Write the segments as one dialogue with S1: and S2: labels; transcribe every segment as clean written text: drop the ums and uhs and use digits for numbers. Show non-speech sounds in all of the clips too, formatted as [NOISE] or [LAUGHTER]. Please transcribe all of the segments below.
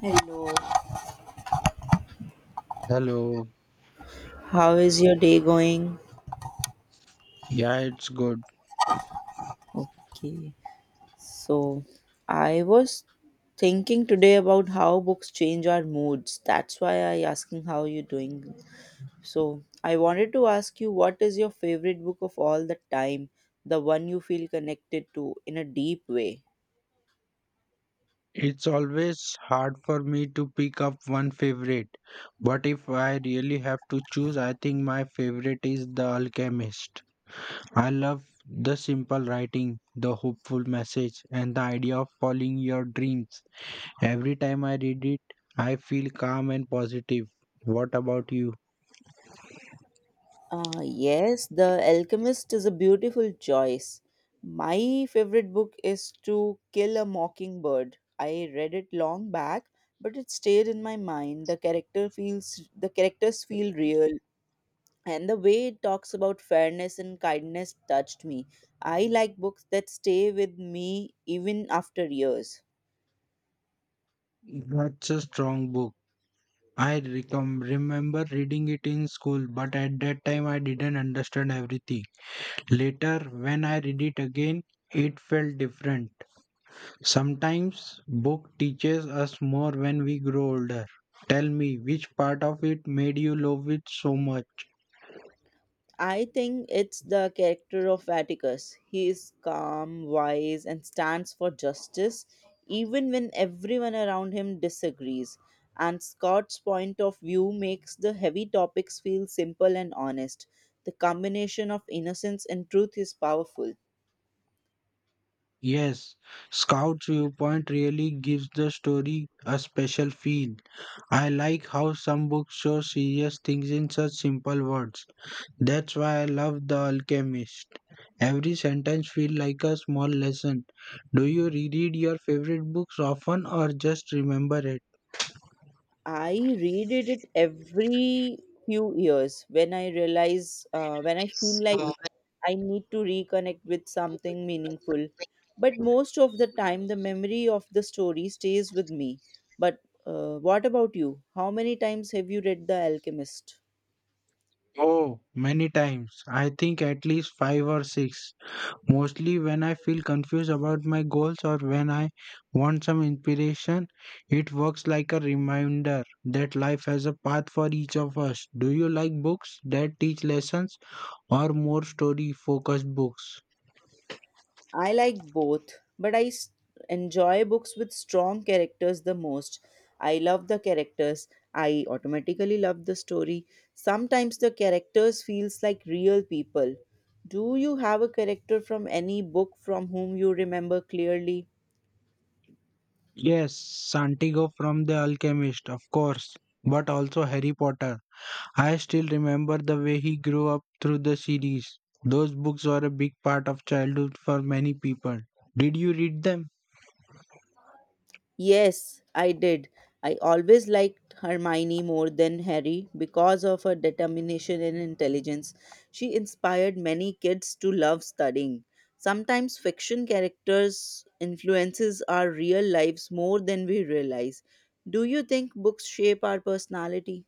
S1: Hello.
S2: Hello.
S1: How is your day going?
S2: Yeah, it's good.
S1: Okay, so I was thinking today about how books change our moods. That's why I asking how you doing. So I wanted to ask you what is your favorite book of all the time, the one you feel connected to in a deep way.
S2: It's always hard for me to pick up one favorite, but if I really have to choose, I think my favorite is The Alchemist. I love the simple writing, the hopeful message, and the idea of following your dreams. Every time I read it, I feel calm and positive. What about you?
S1: Yes, The Alchemist is a beautiful choice. My favorite book is To Kill a Mockingbird. I read it long back, but it stayed in my mind. The characters feel real, and the way it talks about fairness and kindness touched me. I like books that stay with me even after years.
S2: That's a strong book. Remember reading it in school, but at that time I didn't understand everything. Later, when I read it again, it felt different. Sometimes book teaches us more when we grow older. Tell me, which part of it made you love it so much?
S1: I think it's the character of Atticus. He is calm, wise, and stands for justice, even when everyone around him disagrees. And Scott's point of view makes the heavy topics feel simple and honest. The combination of innocence and truth is powerful.
S2: Yes, Scout's viewpoint really gives the story a special feel. I like how some books show serious things in such simple words. That's why I love The Alchemist. Every sentence feels like a small lesson. Do you reread your favorite books often or just remember it?
S1: I reread it every few years when I feel like I need to reconnect with something meaningful. But most of the time, the memory of the story stays with me. But what about you? How many times have you read The Alchemist?
S2: Oh, many times. I think at least five or six. Mostly when I feel confused about my goals or when I want some inspiration, it works like a reminder that life has a path for each of us. Do you like books that teach lessons or more story focused books?
S1: I like both, but I enjoy books with strong characters the most. I love the characters. I automatically love the story. Sometimes the characters feels like real people. Do you have a character from any book from whom you remember clearly?
S2: Yes, Santiago from The Alchemist, of course, but also Harry Potter. I still remember the way he grew up through the series. Those books were a big part of childhood for many people. Did you read them?
S1: Yes, I did. I always liked Hermione more than Harry because of her determination and intelligence. She inspired many kids to love studying. Sometimes fiction characters influences our real lives more than we realize. Do you think books shape our personality?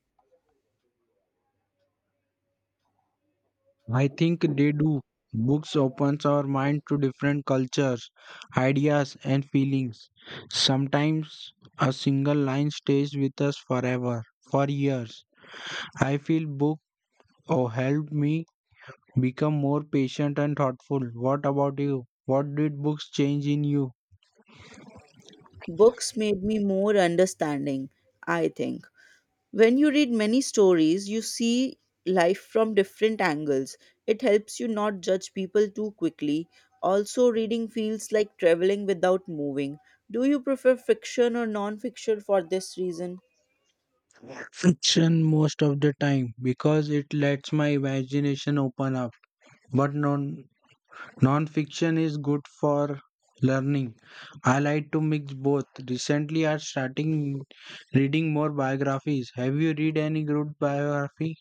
S2: I think they do. Books opens our mind to different cultures, ideas and feelings. Sometimes a single line stays with us forever, for years. I feel helped me become more patient and thoughtful. What about you? What did books change in you?
S1: Books made me more understanding, I think. When you read many stories, you see life from different angles. It helps you not judge people too quickly. Also, reading feels like traveling without moving. Do you prefer fiction or non fiction for this reason?
S2: Fiction most of the time because it lets my imagination open up. But non Non-fiction is good for learning. I like to mix both. Recently, I starting reading more biographies. Have you read any good biography?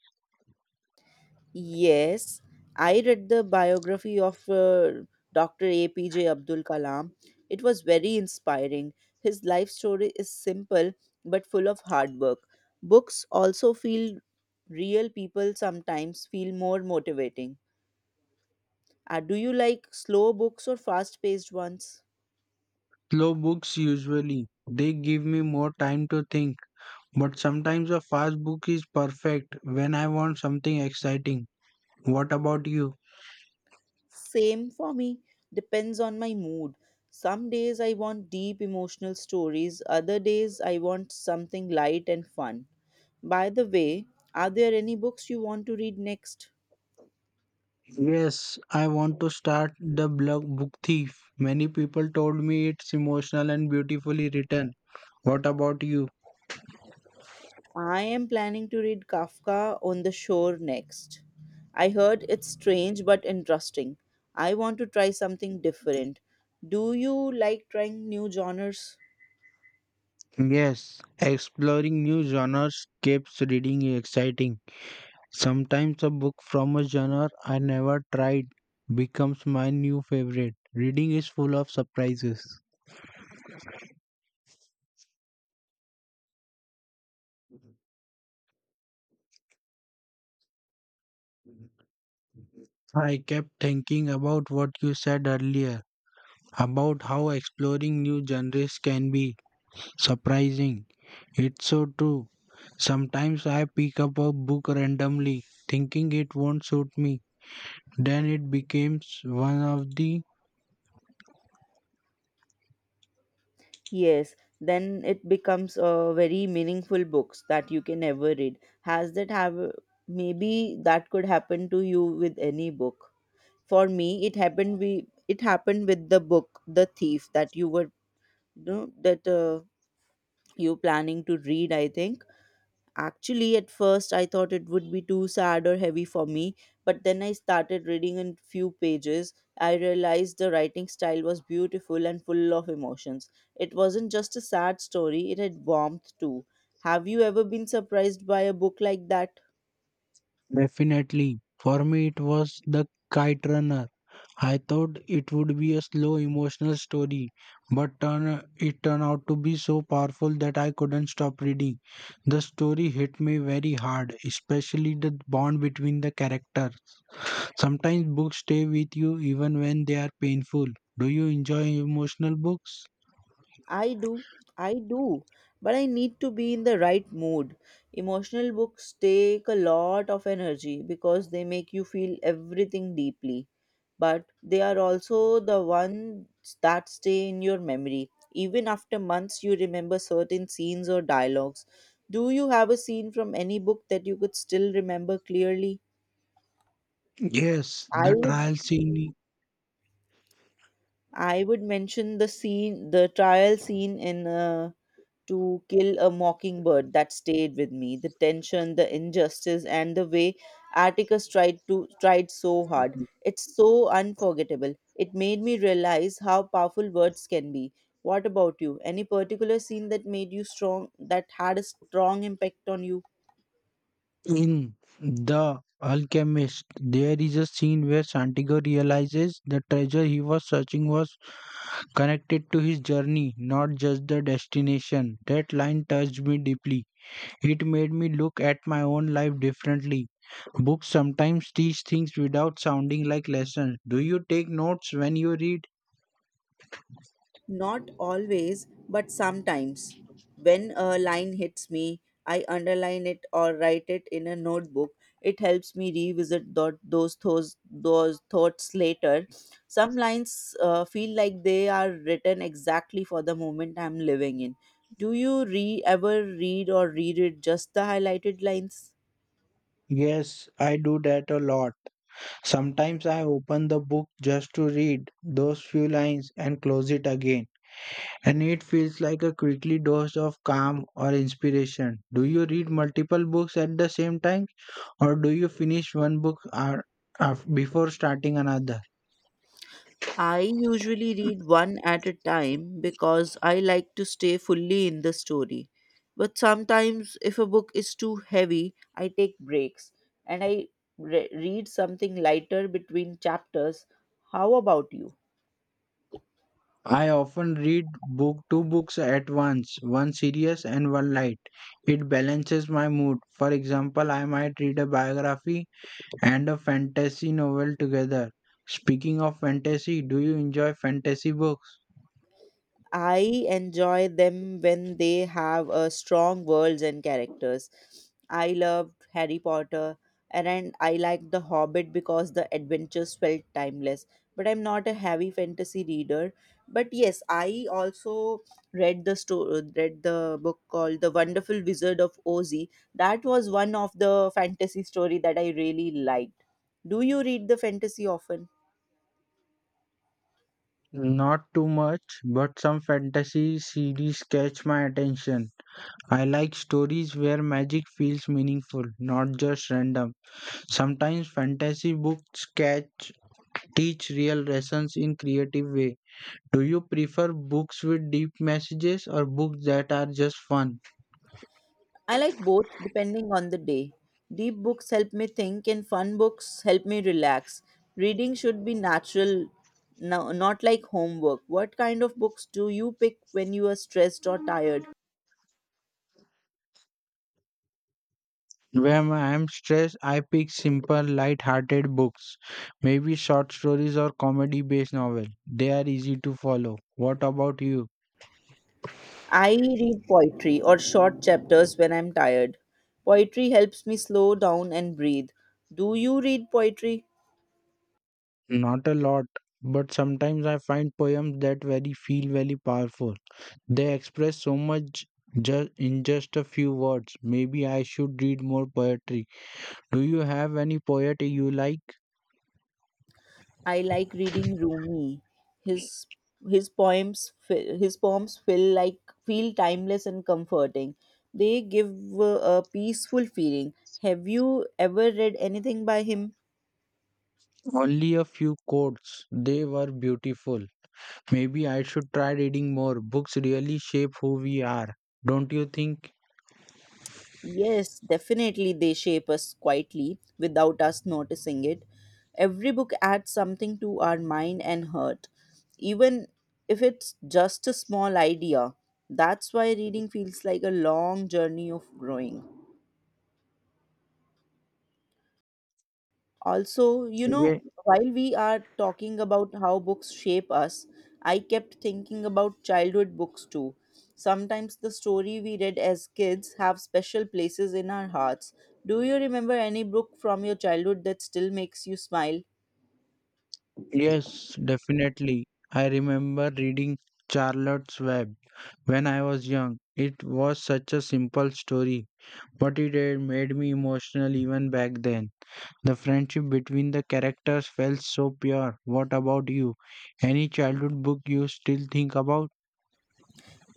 S1: Yes, I read the biography of Dr. APJ Abdul Kalam. It was very inspiring. His life story is simple but full of hard work. Books also feel real people sometimes feel more motivating. Do you like slow books or fast paced ones?
S2: Slow books usually. They give me more time to think. But sometimes a fast book is perfect when I want something exciting. What about you?
S1: Same for me. Depends on my mood. Some days I want deep emotional stories, other days I want something light and fun. By the way, are there any books you want to read next?
S2: Yes, I want to start the blog Book Thief. Many people told me it's emotional and beautifully written. What about you?
S1: I am planning to read Kafka on the Shore next. I heard it's strange but interesting. I want to try something different. Do you like trying new genres?
S2: Yes, exploring new genres keeps reading exciting. Sometimes a book from a genre I never tried becomes my new favorite. Reading is full of surprises. I kept thinking about what you said earlier about how exploring new genres can be surprising. It's so true. Sometimes I pick up a book randomly, thinking it won't suit me. Then it becomes one of the
S1: Yes, then it becomes a very meaningful books that you can ever read. Has that have maybe that could happen to you with any book? For me, it happened with the book The Thief that you were no, that you're planning to read, I think. Actually, at first I thought it would be too sad or heavy for me, but then I started reading. In few pages I realized the writing style was beautiful and full of emotions. It wasn't just a sad story, it had warmth too. Have you ever been surprised by a book like that?
S2: definitely. For me, it was The Kite Runner. I thought it would be a slow emotional story, it turned out to be so powerful that I couldn't stop reading. The story hit me very hard, especially the bond between the character. Sometimes books stay with you even when they are painful. Do you enjoy emotional books?
S1: I do, I do, but I need to be in the right mood. Emotional books take a lot of energy because they make you feel everything deeply, but they are also the ones that stay in your memory. Even after months, you remember certain scenes or dialogues. Do you have a scene from any book that you could still remember clearly?
S2: Yes,
S1: I
S2: the
S1: would
S2: trial scene
S1: I would mention the scene, the trial scene in To Kill a Mockingbird that stayed with me. The tension, the injustice, and the way Atticus tried so hard, it's so unforgettable. It made me realize how powerful words can be. What about you? Any particular scene that had a strong impact on you?
S2: in The Alchemist. There is a scene where Santiago realizes the treasure he was searching was connected to his journey, not just the destination. That line touched me deeply. It made me look at my own life differently. Books sometimes teach things without sounding like lessons. Do you take notes when you read?
S1: Not always, but sometimes. When a line hits me, I underline it or write it in a notebook. It helps me revisit those thoughts later. Some lines feel like they are written exactly for the moment I'm living in. Do you re ever read or reread just the highlighted lines?
S2: Yes, I do that a lot. Sometimes I open the book just to read those few lines and close it again. And it feels like a quickly dose of calm or inspiration. Do you read multiple books at the same time or do you finish one before starting another?
S1: I usually read one at a time because I like to stay fully in the story. But sometimes, if a book is too heavy, I take breaks and I read something lighter between chapters. How about you?
S2: I often read book two books at once, one serious and one light. It balances my mood. For example, I might read a biography and a fantasy novel together. Speaking of fantasy, do you enjoy fantasy books?
S1: I enjoy them when they have a strong worlds and characters. I loved Harry Potter, and I liked The Hobbit because the adventures felt timeless. But I'm not a heavy fantasy reader. But yes, I also read the book called The Wonderful Wizard of Oz. That was one of the fantasy story that I really liked. Do you read the fantasy often?
S2: Not too much, but some fantasy series catch my attention. I like stories where magic feels meaningful, not just random. Sometimes fantasy books catch teach real lessons in creative way. Do you prefer books with deep messages or books that are just fun?
S1: I like both depending on the day. Deep books help me think and fun books help me relax. Reading should be natural, no, not like homework. What kind of books do you pick when you are stressed or tired?
S2: When I'm stressed, I pick simple, light-hearted books, maybe short stories or comedy-based novel. They are easy to follow. What about you?
S1: I read poetry or short chapters when I'm tired. Poetry helps me slow down and breathe. Do you read poetry?
S2: Not a lot, but sometimes I find poems that very feel very powerful. They express so much just a few words. Maybe I should read more poetry. Do you have any poetry you like?
S1: I like reading Rumi. His his poems feel timeless and comforting. They give a peaceful feeling. Have you ever read anything by him?
S2: Only a few quotes. They were beautiful. Maybe I should try reading more. Books really shape who we are, don't you think?
S1: Yes, definitely they shape us quietly without us noticing it. Every book adds something to our mind and heart, even if it's just a small idea. That's why reading feels like a long journey of growing. Also,
S2: Ye-
S1: while we are talking about how books shape us, I kept thinking about childhood books too. Sometimes the story we read as kids have special places in our hearts. Do you remember any book from your childhood that still makes you smile?
S2: Yes, definitely. I remember reading Charlotte's Web when I was young. It was such a simple story, but it had made me emotional even back then. The friendship between the characters felt so pure. What about you? Any childhood book you still think about?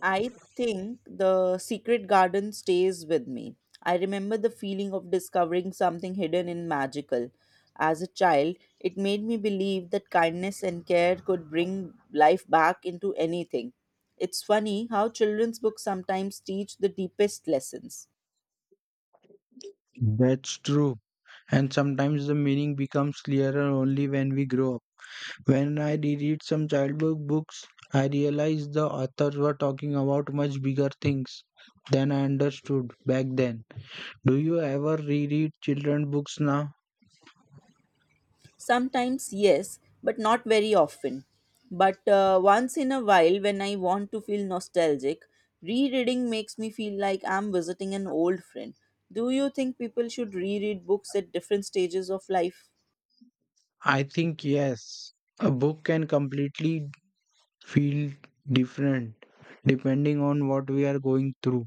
S1: I think The Secret Garden stays with me. I remember the feeling of discovering something hidden and magical. As a child, it made me believe that kindness and care could bring life back into anything. It's funny how children's books sometimes teach the deepest lessons.
S2: That's true. And sometimes the meaning becomes clearer only when we grow up. When I reread some childhood books, I realized the authors were talking about much bigger things than I understood back then. Do you ever reread children books now?
S1: Sometimes, yes, but not very often. But once in a while, when I want to feel nostalgic, rereading makes me feel like I'm visiting an old friend. Do you think people should reread books at different stages of life?
S2: I think yes. A book can completely feel different depending on what we are going through.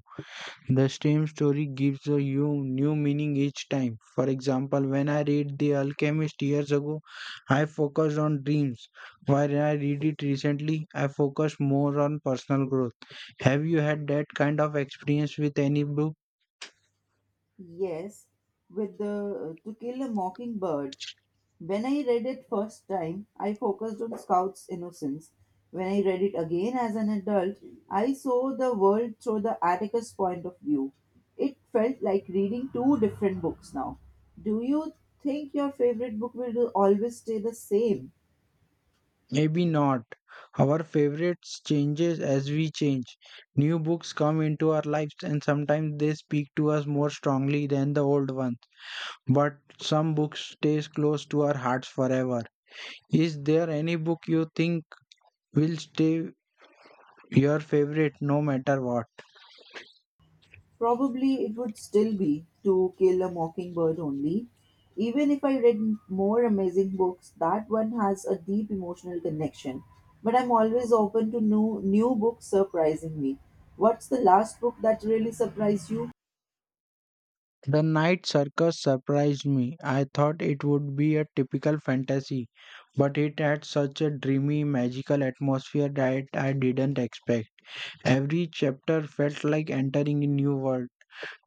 S2: The same story gives new meaning each time. For example, when I read The Alchemist years ago, I focused on dreams. While I read it recently, I focus more on personal growth. Have you had that kind of experience with any book?
S1: Yes, with the To Kill a Mockingbird. When I read it first time, I focused on Scout's innocence. When I read it again as an adult, I saw the world through the Atticus point of view. It felt like reading two different books now. Do you think your favorite book will always stay the same?
S2: Maybe not. Our favorites changes as we change. New books come into our lives and sometimes they speak to us more strongly than the old ones. But some books stays close to our hearts forever. Is there any book you think will stay your favorite no matter what?
S1: Probably it would still be To Kill a Mockingbird only. Even if I read more amazing books, that one has a deep emotional connection. But I'm always open to new books surprising me. What's the last book that really surprised you?
S2: The Night Circus surprised me. I thought it would be a typical fantasy, but it had such a dreamy, magical atmosphere that I didn't expect. Every chapter felt like entering a new world.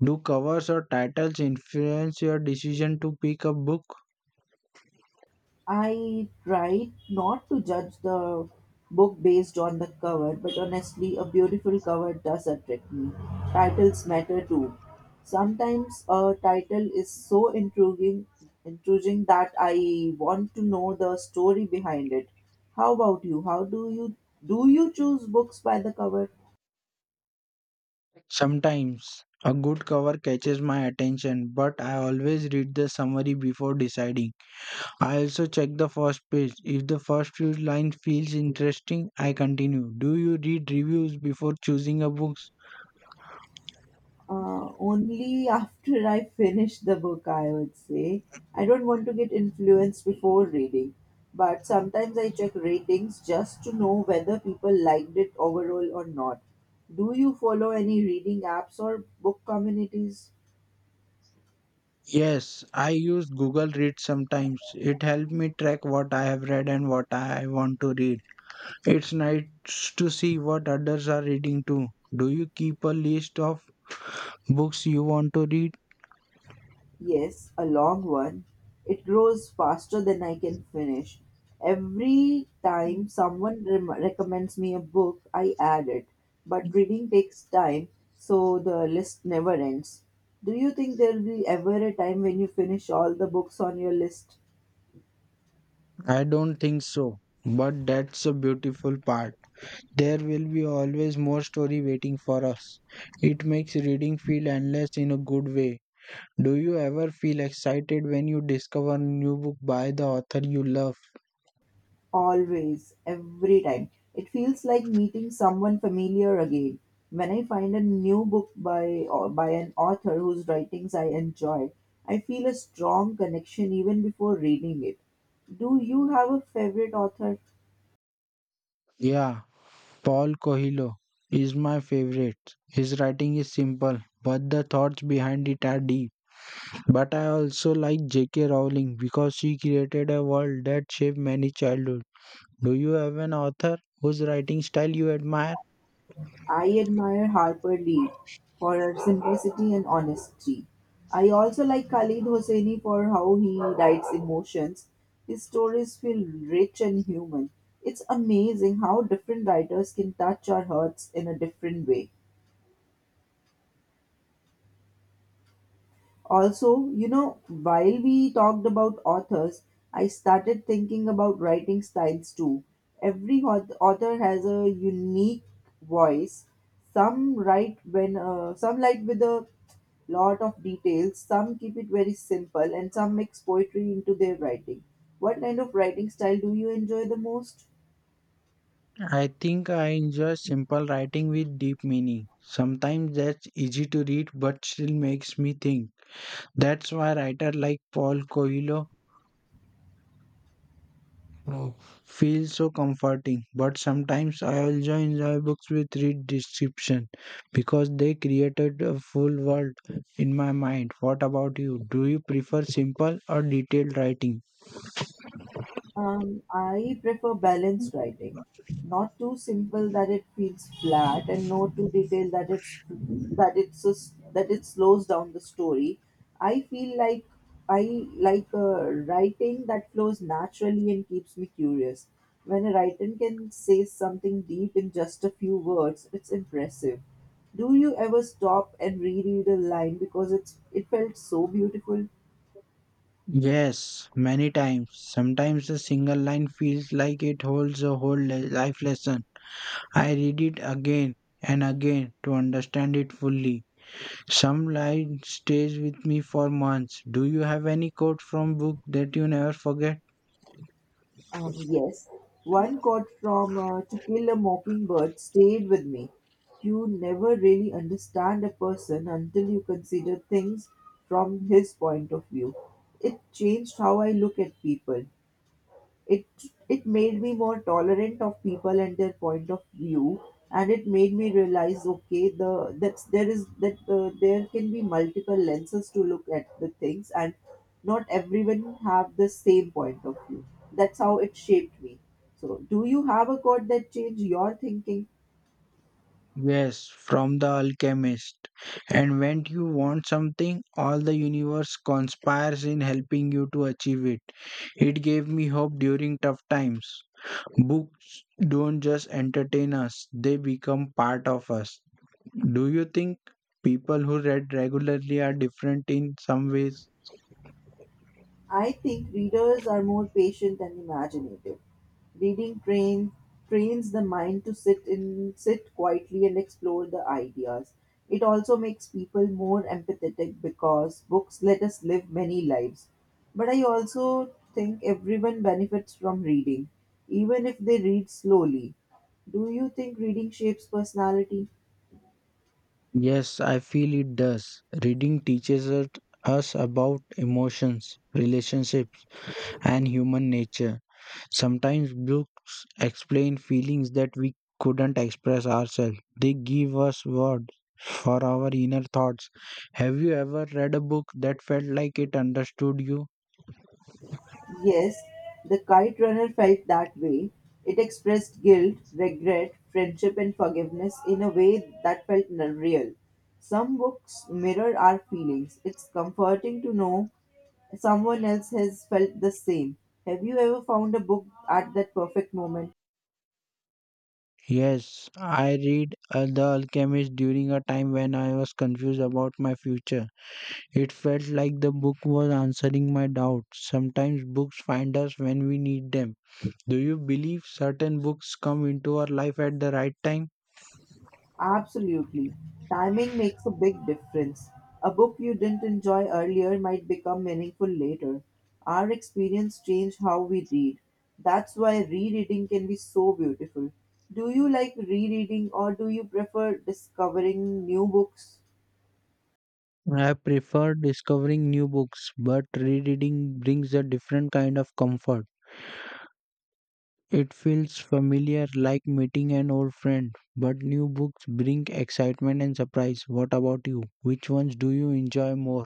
S2: Do covers or titles influence your decision to pick a book?
S1: I tried not to judge the book based on the cover, but honestly, a beautiful cover does attract me. Titles matter too. Sometimes a title is so intriguing that I want to know the story behind it. How about you? How do you choose books by the cover?
S2: Sometimes. A good cover catches my attention, but I always read the summary before deciding. I also check the first page. If the first few lines feels interesting, I continue. Do you read reviews before choosing a book?
S1: Only after I finish the book, I would say. I don't want to get influenced before reading, but sometimes I check ratings just to know whether people liked it overall or not. Do you follow any reading apps or book communities?
S2: Yes, I use Google Read sometimes. It helps me track what I have read and what I want to read. It's nice to see what others are reading too. Do you keep a list of books you want to read?
S1: Yes, a long one. It grows faster than I can finish. Every time someone recommends me a book, I add it. But reading takes time, so the list never ends. Do you think there'll be ever a time when you finish all the books on your list?
S2: I don't think so, but that's a beautiful part. There will be always more story waiting for us. It makes reading feel endless in a good way. Do you ever feel excited when you discover a new book by the author you love?
S1: Always, every time. It feels like meeting someone familiar again. When I find a new book by an author whose writings I enjoy, I feel a strong connection even before reading it. Do you have a favorite author?
S2: Yeah, Paul Coelho is my favorite. His writing is simple, but the thoughts behind it are deep. But I also like J.K. Rowling because she created a world that shaped many childhoods. Do you have an author whose writing style you admire?
S1: I admire Harper Lee for her simplicity and honesty. I also like Khalid Hosseini for how he writes emotions. His stories feel rich and human. It's amazing how different writers can touch our hearts in a different way. Also, while we talked about authors, I started thinking about writing styles too. Every author has a unique voice. Some write with a lot of details, some keep it very simple, and some mix poetry into their writing. What kind of writing style do you enjoy the most?
S2: I think I enjoy simple writing with deep meaning. Sometimes that's easy to read but still makes me think. That's why writers like Paul Coelho uh, feel so comforting. But sometimes I also enjoy books with rich description because they created a full world in my mind. What about you? Do you prefer simple or detailed writing?
S1: I prefer balanced writing, not too simple that it feels flat, and not too detailed that it slows down the story. I feel like I like a writing that flows naturally and keeps me curious. When a writer can say something deep in just a few words, it's impressive. Do you ever stop and reread a line because it felt so beautiful?
S2: Yes, many times. Sometimes a single line feels like it holds a life lesson. I read it again and again to understand it fully. Some line stays with me for months. Do you have any quote from book that you never forget?
S1: Yes, one quote from To Kill a Mockingbird stayed with me. You never really understand a person until you consider things from his point of view. It changed how I look at people. It it made me more tolerant of people and their point of view, and it made me realize, okay, the that's there is that there can be multiple lenses to look at the things, and not everyone have the same point of view. That's how it shaped me. So, do you have a quote that changed your thinking?
S2: Yes, from The Alchemist. And when you want something, all the universe conspires in helping you to achieve it. It gave me hope during tough times. Books don't just entertain us, they become part of us. Do you think people who read regularly are different in some ways?
S1: I think readers are more patient and imaginative. Reading trains the mind to sit quietly and explore the ideas. It also makes people more empathetic because books let us live many lives. But I also think everyone benefits from reading, even if they read slowly. Do you think reading shapes personality?
S2: Yes, I feel it does. Reading teaches us about emotions, relationships, and human nature. Sometimes books explain feelings that we couldn't express ourselves. They give us words for our inner thoughts. Have you ever read a book that felt like it understood you?
S1: Yes, the kite runner felt that way. It expressed guilt, regret, friendship, and forgiveness in a way that felt real. Some books mirror our feelings. It's comforting to know someone else has felt the same. Have you ever found a book at that perfect moment?
S2: Yes, I read The Alchemist during a time when I was confused about my future. It felt like the book was answering my doubts. Sometimes books find us when we need them. Do you believe certain books come into our life at the right time?
S1: Absolutely. Timing makes a big difference. A book you didn't enjoy earlier might become meaningful later. Our experience change how we read. That's why rereading can be so beautiful. Do you like rereading or do you prefer discovering new books?
S2: I prefer discovering new books, but rereading brings a different kind of comfort. It feels familiar like meeting an old friend, but new books bring excitement and surprise. What about you? Which ones do you enjoy more?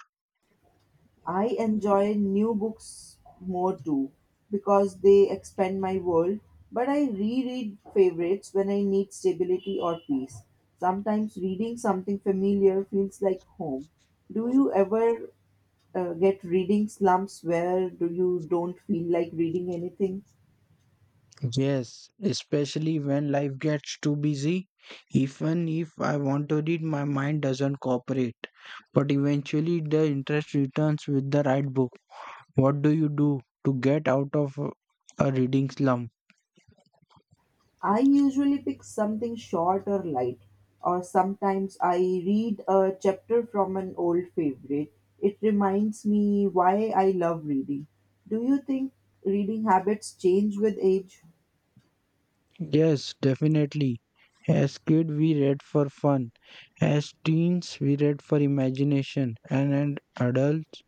S1: I enjoy new books more too because they expand my world, but I reread favorites when I need stability or peace. Sometimes reading something familiar feels like home. Do you ever get reading slumps where do you don't feel like reading anything?
S2: Yes, especially when life gets too busy. Even if I want to read, my mind doesn't cooperate. But eventually, the interest returns with the right book. What do you do to get out of a reading slump?
S1: I usually pick something short or light, or sometimes I read a chapter from an old favorite. It reminds me why I love reading. Do you think reading habits change with age?
S2: Yes, definitely. As kid, we read for fun. As teens, we read for imagination. And as adults,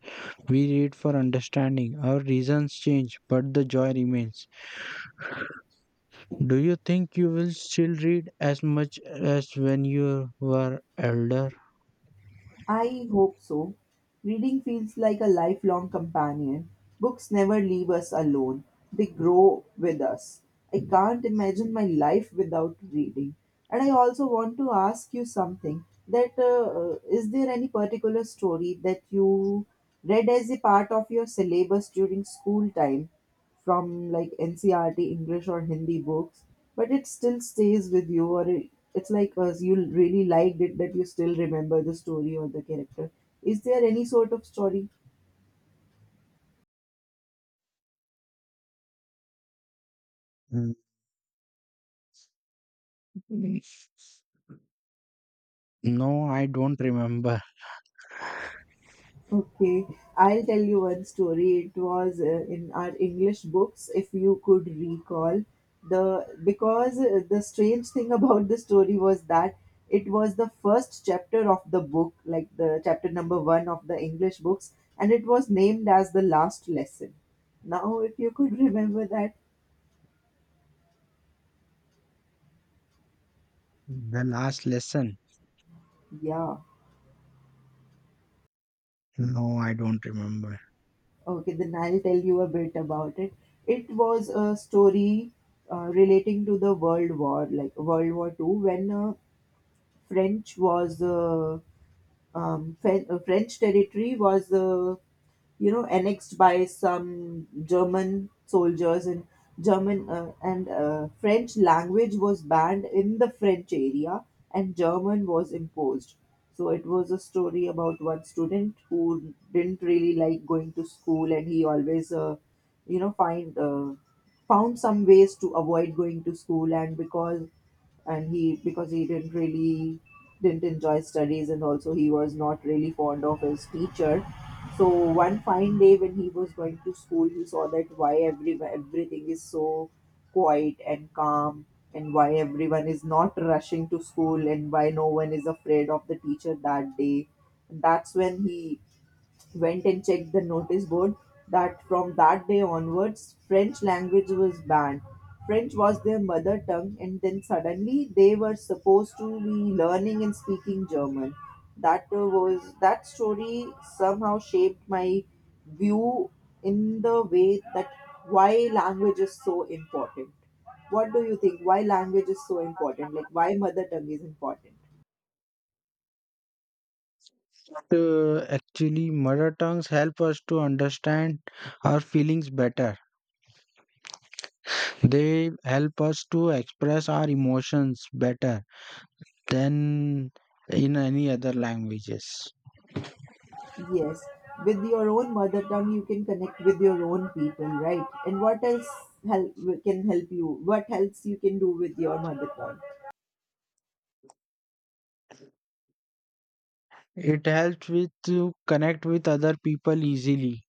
S2: we read for understanding. Our reasons change, but the joy remains. Do you think you will still read as much as when you were elder?
S1: I hope so. Reading feels like a lifelong companion. Books never leave us alone, they grow with us. I can't imagine my life without reading. And I also want to ask you something, that is there any particular story that you read as a part of your syllabus during school time from like NCRT English or Hindi books, but it still stays with you, or it's like you really liked it, that you still remember the story or the character. Is there any sort of story?
S2: Mm, no, I don't remember.
S1: Okay, I'll tell you one story. It was in our English books, if you could recall. The strange thing [LAUGHS] about the story was that it was the first chapter of the book, like the chapter number one of the English books, and it was named as The Last Lesson. Now, if you could [LAUGHS] remember that,
S2: The last lesson?
S1: yeah.
S2: No, I don't remember.
S1: Okay, then I'll tell you a bit about it. It was a story relating to the World War, like World War Two, when French was French territory was you know, annexed by some German soldiers, and German and French language was banned in the French area and German was imposed. So it was a story about one student who didn't really like going to school, and he always, you know find found some ways to avoid going to school, and because and he because he didn't really didn't enjoy studies, and also he was not really fond of his teacher. So one fine day, when he was going to school, he saw that why everything is so quiet and calm, and why everyone is not rushing to school, and why no one is afraid of the teacher that day. That's when he went and checked the notice board, that from that day onwards French language was banned. French was their mother tongue, and then suddenly they were supposed to be learning and speaking German. That was that story. Somehow shaped my view, in the way that why language is so important. What do you think, why language is so important, like why mother tongue is important?
S2: But Actually, mother tongues help us to understand our feelings better. They help us to express our emotions better than in any other languages.
S1: Yes, with your own mother tongue, you can connect with your own people, right? And what else help, can help you? What helps you can do with your mother tongue?
S2: It helps with to connect with other people easily.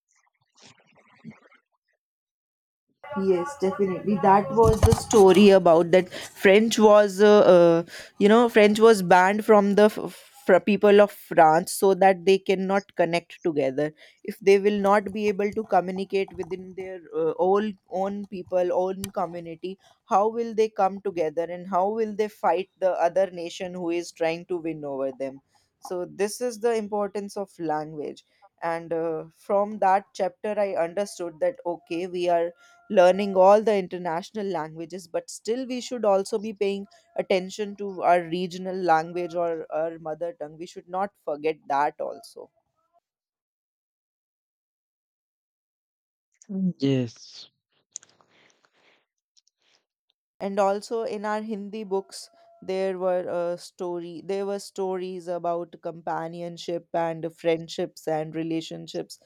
S1: Yes, definitely. That was the story about that uh, French was banned from the people of France so that they cannot connect together. If they will not be able to communicate within their all own people, own community, how will they come together, and how will they fight the other nation who is trying to win over them? So this is the importance of language. And from that chapter, I understood that, okay, we are learning all the international languages, but still we should also be paying attention to our regional language or our mother tongue. We should not forget that also.
S2: Yes.
S1: And also in our Hindi books, there were story there were stories about companionship and friendships and relationships.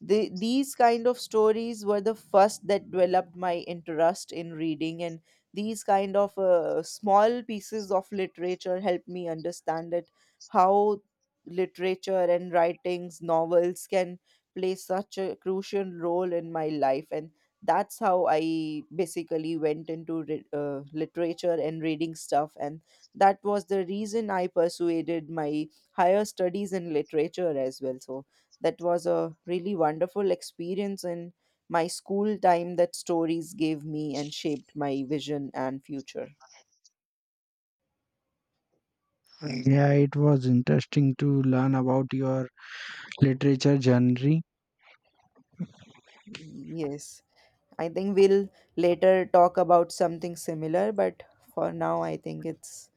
S1: These kind of stories were the first that developed my interest in reading. And these kind of small pieces of literature helped me understand that how literature and writings, novels, can play such a crucial role in my life. And that's how I basically went into literature and reading stuff. And that was the reason I persuaded my higher studies in literature as well. So that was a really wonderful experience in my school time that stories gave me and shaped my vision and future.
S2: Yeah, it was interesting to learn about your literature genre.
S1: Yes, I think we'll later talk about something similar, but for now, I think it's.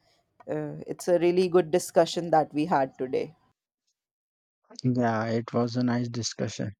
S1: It's a really good discussion that we had today.
S2: Yeah, it was a nice discussion.